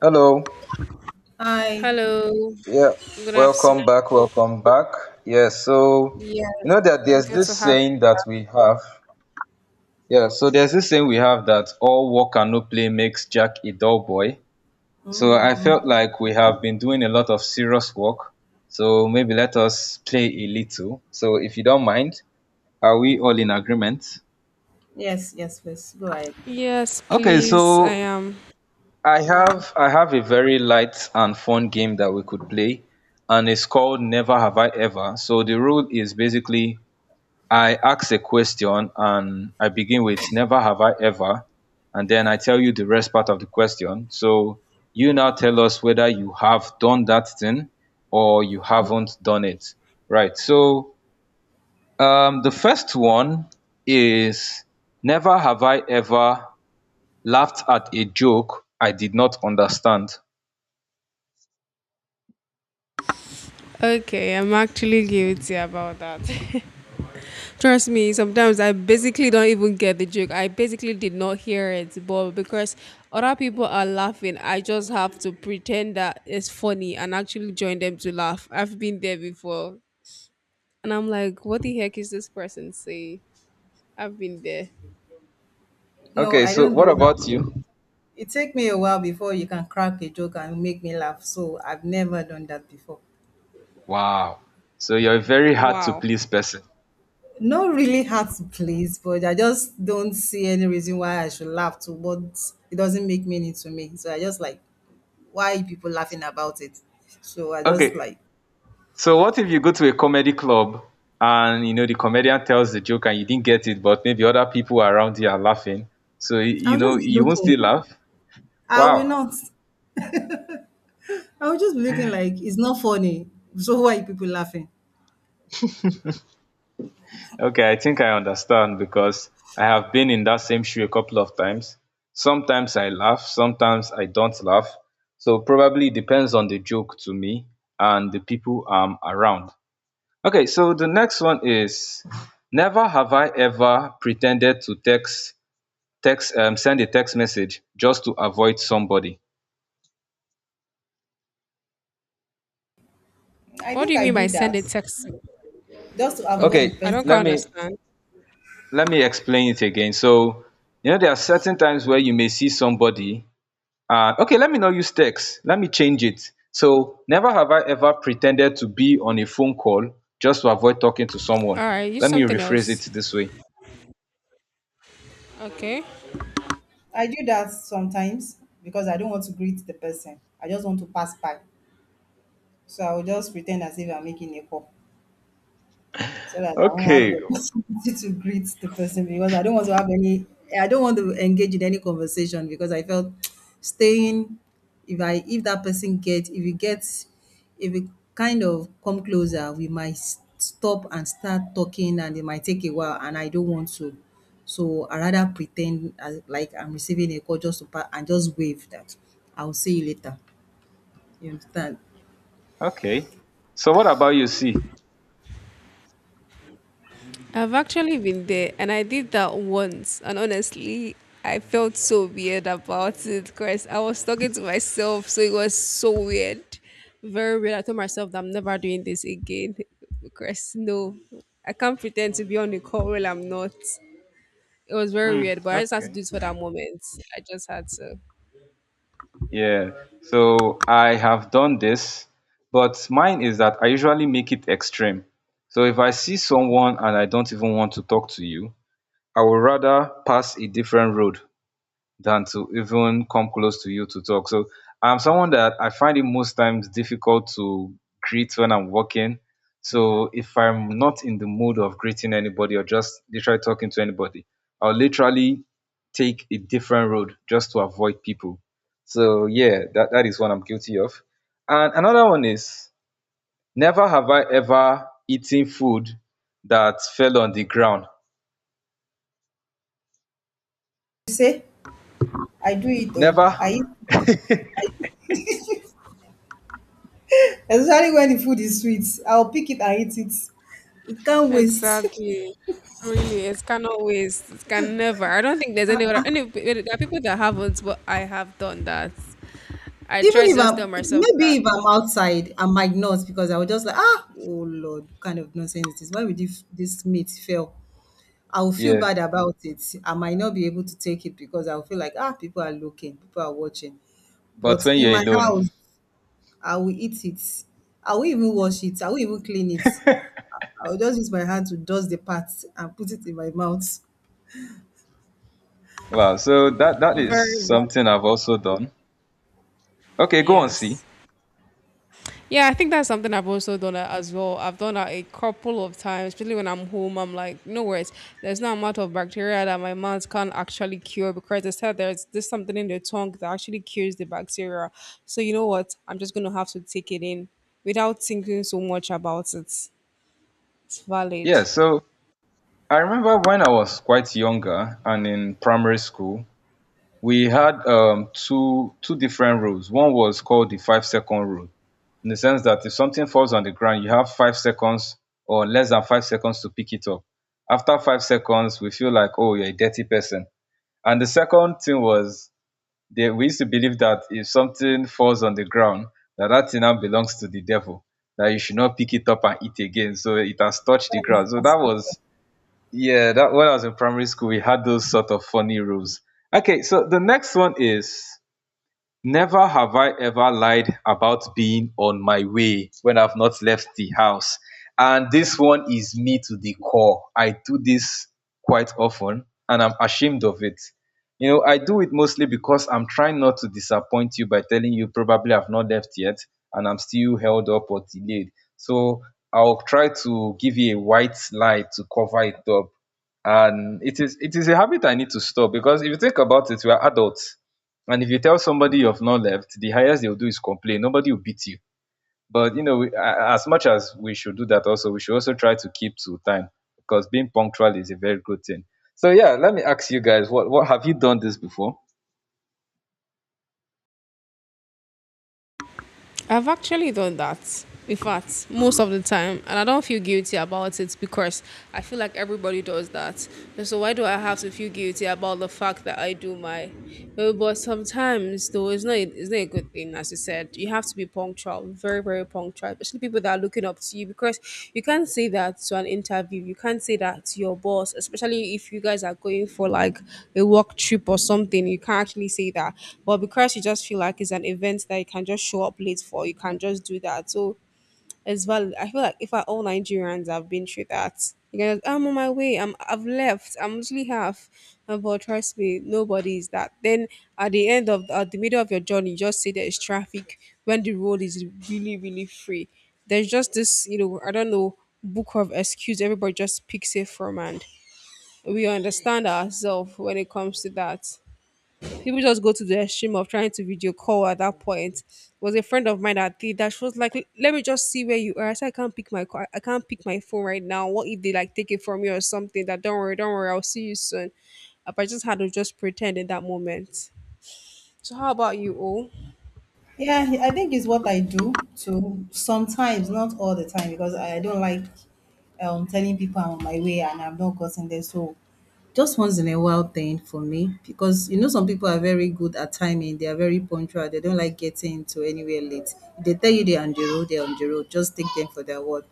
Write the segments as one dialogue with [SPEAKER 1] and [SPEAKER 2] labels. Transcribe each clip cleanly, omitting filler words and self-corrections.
[SPEAKER 1] Hello.
[SPEAKER 2] I
[SPEAKER 3] Hello,
[SPEAKER 1] Yeah.
[SPEAKER 3] good afternoon.
[SPEAKER 1] Welcome back. Welcome back. Yeah. So,
[SPEAKER 3] Yes,
[SPEAKER 1] you know that there's
[SPEAKER 3] good
[SPEAKER 1] this
[SPEAKER 3] to have.
[SPEAKER 1] saying that we have. Yeah. So, there's this saying we have that all work and no play makes Jack a dull boy. So, I
[SPEAKER 2] mm-hmm.
[SPEAKER 1] felt like we have been doing a lot of serious work. So, maybe let us play a little. So, if you don't mind, are we all in agreement?
[SPEAKER 2] Yes, yes, please go ahead.
[SPEAKER 3] Yes,
[SPEAKER 1] Okay.
[SPEAKER 3] please. I
[SPEAKER 1] So,
[SPEAKER 3] am
[SPEAKER 1] I have a very light and fun game that we could play, and it's called Never Have I Ever. So the rule is basically I ask a question and I begin with Never Have I Ever, and then I tell you the rest part of the question. So you now tell us whether you have done that thing or you haven't done it. Right. So the first one is never have I ever laughed at a joke I did not understand.
[SPEAKER 3] okay. I'm actually guilty about that. Trust me. Sometimes I basically don't even get the joke. I basically did not hear it, but because other people are laughing, I just have to pretend that it's funny and actually join them to laugh. I've been there before, and I'm like, what the heck is this person saying? I've been there.
[SPEAKER 2] No,
[SPEAKER 1] Okay,
[SPEAKER 2] I
[SPEAKER 1] so
[SPEAKER 2] don't
[SPEAKER 1] what
[SPEAKER 2] do that.
[SPEAKER 1] about you?
[SPEAKER 2] It take me a while before you can crack a joke and make me laugh. So I've never done that before.
[SPEAKER 1] Wow. So you're a very hard to
[SPEAKER 3] Wow.
[SPEAKER 1] please person.
[SPEAKER 2] Not really hard to please, but I just don't see any reason why I should laugh to what it doesn't make meaning to me. So I just like, why people laughing about it? So I
[SPEAKER 1] Okay.
[SPEAKER 2] just like,
[SPEAKER 1] So what if you go to a comedy club and you know the comedian tells the joke and you didn't get it, but maybe other people around you are laughing. So
[SPEAKER 2] I'll
[SPEAKER 1] you know
[SPEAKER 2] just be
[SPEAKER 1] you won't
[SPEAKER 2] looking.
[SPEAKER 1] still laugh?
[SPEAKER 2] I
[SPEAKER 1] Wow.
[SPEAKER 2] will not. I will just be looking like it's not funny. So why people laughing?
[SPEAKER 1] Okay, I think I understand because I have been in that same shoe a couple of times. Sometimes I laugh, sometimes I don't laugh. So probably depends on the joke to me and the people I'm around. Okay, so the next one is never have I ever pretended to text text send a text message just to avoid somebody.
[SPEAKER 2] I
[SPEAKER 3] What do
[SPEAKER 2] think
[SPEAKER 3] you
[SPEAKER 2] I
[SPEAKER 3] mean by
[SPEAKER 2] do
[SPEAKER 3] send
[SPEAKER 2] that
[SPEAKER 3] a text?
[SPEAKER 2] just to avoid the
[SPEAKER 3] Okay,
[SPEAKER 1] Okay,
[SPEAKER 3] I don't
[SPEAKER 2] person.
[SPEAKER 3] quite
[SPEAKER 1] let me
[SPEAKER 3] understand.
[SPEAKER 1] let me explain it again. So you know there are certain times where you may see somebody. Okay, let me not use text. Let me change it. So never have I ever pretended to be on a phone call just to avoid talking to someone.
[SPEAKER 3] All right, use
[SPEAKER 1] Let me
[SPEAKER 3] something
[SPEAKER 1] rephrase
[SPEAKER 3] else.
[SPEAKER 1] it this way.
[SPEAKER 3] Okay.
[SPEAKER 2] I do that sometimes because I don't want to greet the person. I just want to pass by. So I will just pretend as if I'm making a call so that I won't have
[SPEAKER 1] Okay,
[SPEAKER 2] the opportunity to greet the person because I don't want to have any, I don't want to engage in any conversation because I felt staying, if that person gets, if it gets, if we kind of come closer, we might stop and start talking and it might take a while and I don't want to. So I rather pretend as, like I'm receiving a call just to and just wave that I'll see you later. You understand?
[SPEAKER 1] okay. So what about you? See.
[SPEAKER 3] I've actually been there and I did that once. And honestly, I felt so weird about it because I was talking to myself. So it was so weird. Very weird. I told myself that I'm never doing this again because no, I can't pretend to be on the call while I'm not. It was very
[SPEAKER 1] Hmm.
[SPEAKER 3] weird, but I just had to do
[SPEAKER 1] Okay.
[SPEAKER 3] it for that moment. I just had to.
[SPEAKER 1] Yeah, so I have done this, but mine is that I usually make it extreme. So if I see someone and I don't even want to talk to you, I would rather pass a different road than to even come close to you to talk. So I'm someone that I find it most times difficult to greet when I'm working. So if I'm not in the mood of greeting anybody or just literally talking to anybody, I'll literally take a different road just to avoid people. So yeah, that is one I'm guilty of. And another one is never have I ever eaten food that fell on the ground.
[SPEAKER 2] You say I do it though.
[SPEAKER 1] Never.
[SPEAKER 2] I especially when the food is sweet, I'll pick it and eat it. It can't waste.
[SPEAKER 3] Exactly. Really, it cannot waste. It can never. I don't think there's any other. Any, there are people that haven't, but I have done that. I
[SPEAKER 2] Even
[SPEAKER 3] try to
[SPEAKER 2] if
[SPEAKER 3] just tell
[SPEAKER 2] I'm
[SPEAKER 3] myself
[SPEAKER 2] maybe
[SPEAKER 3] that.
[SPEAKER 2] if I'm outside, I might not because I will just like ah oh lord, what kind of nonsense is this? Why would this meat fail? I will feel
[SPEAKER 1] Yeah.
[SPEAKER 2] bad about it. I might not be able to take it because I'll feel like ah people are looking, people are watching.
[SPEAKER 1] But
[SPEAKER 2] But
[SPEAKER 1] when
[SPEAKER 2] in
[SPEAKER 1] you're
[SPEAKER 2] my
[SPEAKER 1] alone,
[SPEAKER 2] house, I will eat it. I will even wash it. I will even clean it. I will just use my hand to dust the parts and put it in my mouth.
[SPEAKER 1] wow, so that is
[SPEAKER 3] Very valid.
[SPEAKER 1] something I've also done. Okay, go on, see.
[SPEAKER 3] Yes. Yeah, I think that's something I've also done as well. I've done that a couple of times, especially when I'm home. I'm like, no worries. There's no amount of bacteria that my mouth can't actually cure because they said there's something in the tongue that actually cures the bacteria. So you know what? I'm just gonna have to take it in without thinking so much about it. It's
[SPEAKER 1] Yeah,
[SPEAKER 3] valid.
[SPEAKER 1] so I remember when I was quite younger and in primary school, we had two different rules. One was called the 5 second rule, in the sense that if something falls on the ground, you have 5 seconds or less than 5 seconds to pick it up. After 5 seconds, we feel like, oh, you're a dirty person. And the second thing was we used to believe that if something falls on the ground, that that thing now belongs to the devil, that you should not pick it up and eat again. So it has touched the
[SPEAKER 2] That is
[SPEAKER 1] ground. So that
[SPEAKER 2] frustration.
[SPEAKER 1] was, yeah, that when I was in primary school, we had those sort of funny rules. Okay, so the next one is never have I ever lied about being on my way when I've not left the house. And this one is me to the core. I do this quite often and I'm ashamed of it. You know, I do it mostly because I'm trying not to disappoint you by telling you probably I've not left yet and I'm still held up or delayed. So I'll try to give you a white lie to cover it up. And it is a habit I need to stop because if you think about it, we are adults and if you tell somebody you've not left, the highest they'll do is complain. Nobody will beat you. But you know, as much as we should do that, also we should also try to keep to time because being punctual is a very good thing. So yeah, let me ask you guys, what have you done this before?
[SPEAKER 3] I've actually done that. In fact, most of the time, and I don't feel guilty about it because I feel like everybody does that. And so why do I have to feel guilty about the fact that I do my? Well, but sometimes, though, it's not a good thing, as you said. You have to be punctual, very, very punctual, especially people that are looking up to you because you can't say that to an interview. You can't say that to your boss, especially if you guys are going for like a work trip or something. You can't actually say that. But because you just feel like it's an event that you can just show up late for, you can just do that. So as well. I feel like if I, all Nigerians have been through that, you guys, "Oh, I'm on my way. I've left. I'm literally half. But trust me, nobody is that. Then at the end of at the middle of your journey, you just see there is traffic when the road is really really free. There's just this, you know, I don't know, book of excuse everybody just picks it from, and we understand ourselves when it comes to that people just go to the extreme of trying to video call at that point. It was a friend of mine that did that. She was like, "Let me just see where you are." I said, "I can't pick my I can't pick my phone right now. What if they like take it from you or something?" That don't worry, I'll see you soon. But I just had to just pretend in that moment. So how about you, O?
[SPEAKER 2] Yeah, I think it's what I do too. Sometimes, not all the time, because I don't like telling people I'm on my way and I've not gotten there. So just once in a while thing for me. Because you know some people are very good at timing, they are very punctual, they don't like getting to anywhere late. If they tell you they're on the road, they're on the road. Just take them for their word.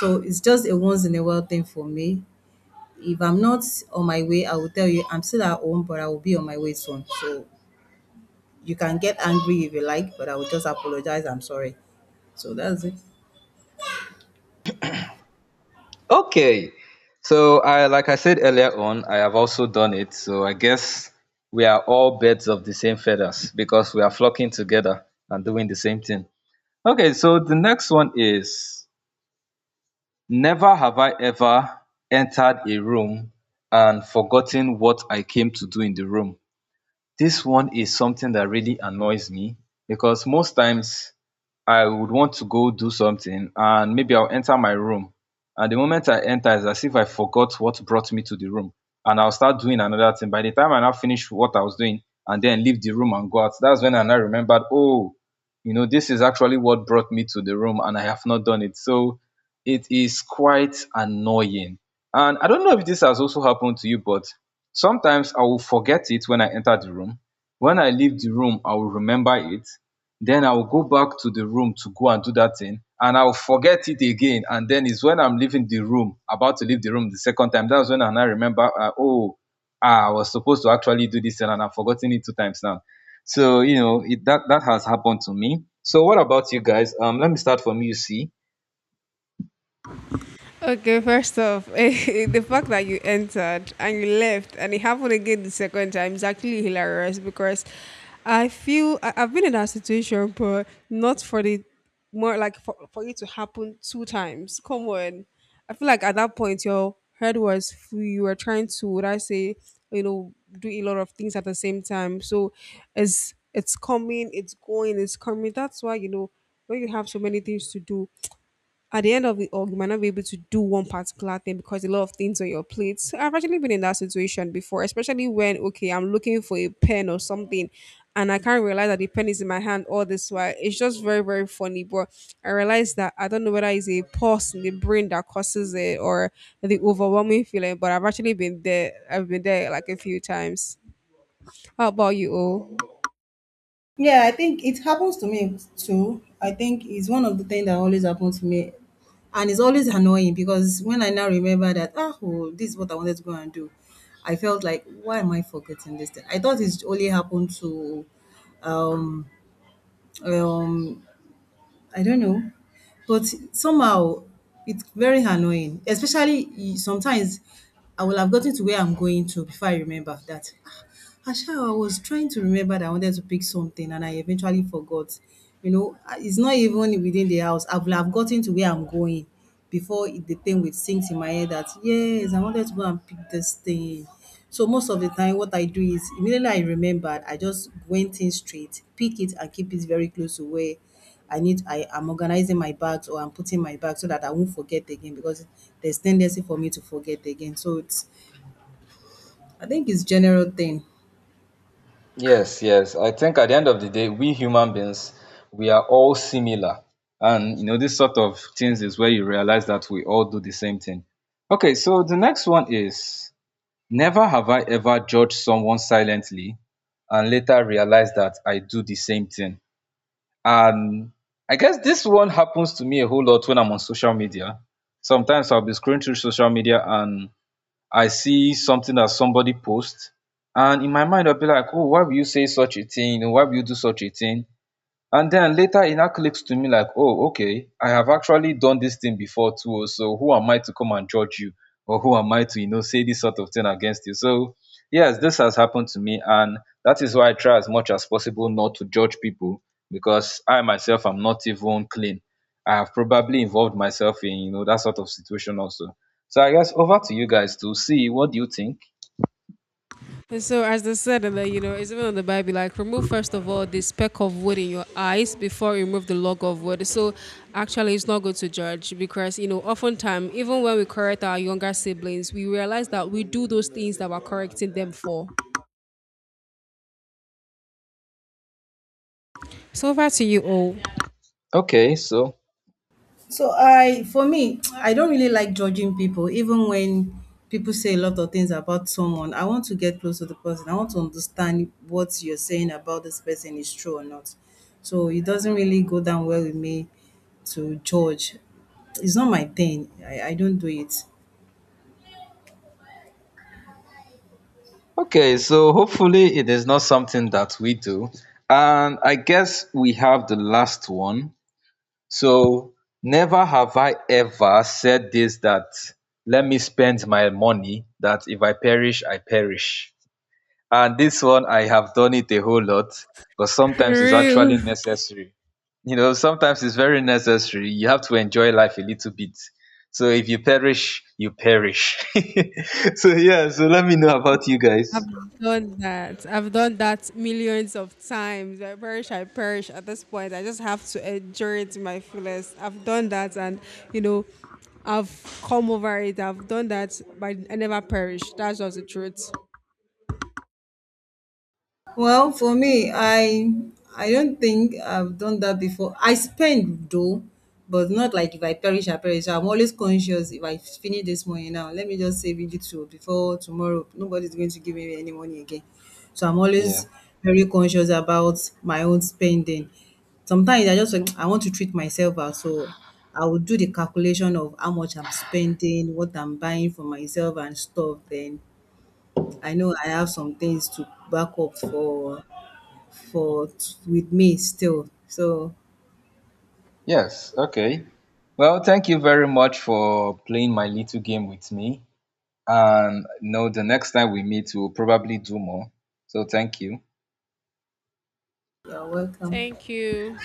[SPEAKER 2] So it's just a once in a while thing for me. If I'm not on my way, I will tell you I'm still at home, but I will be on my way soon. So you can get angry if you like, but I will just apologize. I'm sorry. So that's it.
[SPEAKER 1] Okay. So I like I said earlier on, I have also done it. So I guess we are all birds of the same feathers because we are flocking together and doing the same thing. Okay, so the next one is never have I ever entered a room and forgotten what I came to do in the room. This one is something that really annoys me because most times I would want to go do something and maybe I'll enter my room. And the moment I enter, it's as if I forgot what brought me to the room. And I'll start doing another thing. By the time I now finish what I was doing and then leave the room and go out, that's when I now remembered, oh, you know, this is actually what brought me to the room and I have not done it. So it is quite annoying. And I don't know if this has also happened to you, but sometimes I will forget it when I enter the room. When I leave the room, I will remember it, then I will go back to the room to go and do that thing and I will forget it again. And then it's when I'm leaving the room, about to leave the room the second time, that's when I now remember, I was supposed to actually do this and I've forgotten it 2 times now. So you know it, that has happened to me. So what about you guys? Let me start from you, see.
[SPEAKER 3] Okay, first off, the fact that you entered and you left and it happened again the second time is actually hilarious because I've been in that situation, but not for the more like for it to happen two times. Come on. I feel like at that point, your head was full. You were trying to, would I say, you know, do a lot of things at the same time. So it's coming, it's going, it's coming. That's why, you know, when you have so many things to do, at the end of it all, you might not be able to do one particular thing because a lot of things on your plate. So I've actually been in that situation before, especially when okay, I'm looking for a pen or something, and I can't realize that the pen is in my hand all this while. It's just very very funny, but I realize that I don't know whether it's a pause in the brain that causes it or the overwhelming feeling. But I've actually been there. I've been there like a few times. How about you? O?
[SPEAKER 2] Yeah, I think it happens to me too. I think it's one of the things that always happens to me. And it's always annoying because when I now remember that, ah, oh, this is what I wanted to go and do, I felt like, why am I forgetting this thing? I thought it's only happened to um, um, I don't know. But somehow it's very annoying, especially sometimes I will have gotten to where I'm going to before I remember that. Ah, Asha, I was trying to remember that I wanted to pick something and I eventually forgot. You know, ah, it's not even within the house. I will have gotten to where I'm going before the thing would sink in my head that, yes, I wanted to go and pick this thing. So most of the time, what I do is immediately I remembered, I just went in straight, pick it and keep it very close to where I need I am organizing my bags or I'm putting my bag so that I won't forget again because there's tendency for me to forget again. So it's I think it's general thing.
[SPEAKER 1] Yes, yes. I think at the end of the day, we human beings, we are all similar. And you know, this sort of things is where you realize that we all do the same thing. Okay, so the next one is never have I ever judged someone silently and later realized that I do the same thing. And I guess this one happens to me a whole lot when I'm on social media. Sometimes I'll be scrolling through social media and I see something that somebody posts, and in my mind I'll be like, oh, why will you say such a thing? Why will you do such a thing? And then later it now clicks to me like, oh, okay, I have actually done this thing before too. Oh, so who am I to come and judge you, or who am I to, you know, say this sort of thing against you? So yes, this has happened to me, and that is why I try as much as possible not to judge people, because I myself am not even clean. I have probably involved myself in, you know, that sort of situation also. So I guess over to you guys to see what do you think.
[SPEAKER 3] And so, as they said in the, you know, it's even in the Bible, like remove first of all the speck of wood in your eyes before you remove the log of wood. So, actually, it's not good to judge because you know, oftentimes, even when we correct our younger siblings, we realize that we do those things that we're correcting them for. So, over to you all.
[SPEAKER 1] Okay so,
[SPEAKER 2] So I for me, I don't really like judging people, even when people say a lot of things about someone. I want to get close to the person. I want to understand what you're saying about this person is true or not. So it doesn't really go down well with me to judge. It's not my thing. I don't do it.
[SPEAKER 1] okay, so hopefully it is not something that we do. And I guess we have the last one. So, never have I ever said this that let me spend my money, that if I perish, I perish. And this one, I have done it a whole lot, but sometimes it's actually
[SPEAKER 3] Real.
[SPEAKER 1] necessary. You know, sometimes it's very necessary. You have to enjoy life a little bit. So, if you perish, you perish. So, yeah, so let me know about you guys.
[SPEAKER 3] I've done that. I've done that millions of times. I perish at this point. I just have to endure it to my fullest. I've done that and, you know, I've come over it. I've done that, but I never perish. That's just the truth.
[SPEAKER 2] Well, for me, I don't think I've done that before. I spend though, but not like if I perish, I perish. I'm always conscious if I finish this money now, let me just save it to before tomorrow. Nobody's going to give me any money again. So I'm always
[SPEAKER 1] Yeah.
[SPEAKER 2] very conscious about my own spending. Sometimes I just like, I want to treat myself out, so I will do the calculation of how much I'm spending, what I'm buying for myself and stuff. Then I know I have some things to back up for for with me still. So
[SPEAKER 1] Yes, okay. Well, thank you very much for playing my little game with me. And no, the next time we meet, we'll probably do more. So thank you.
[SPEAKER 2] you're welcome.
[SPEAKER 3] Thank you.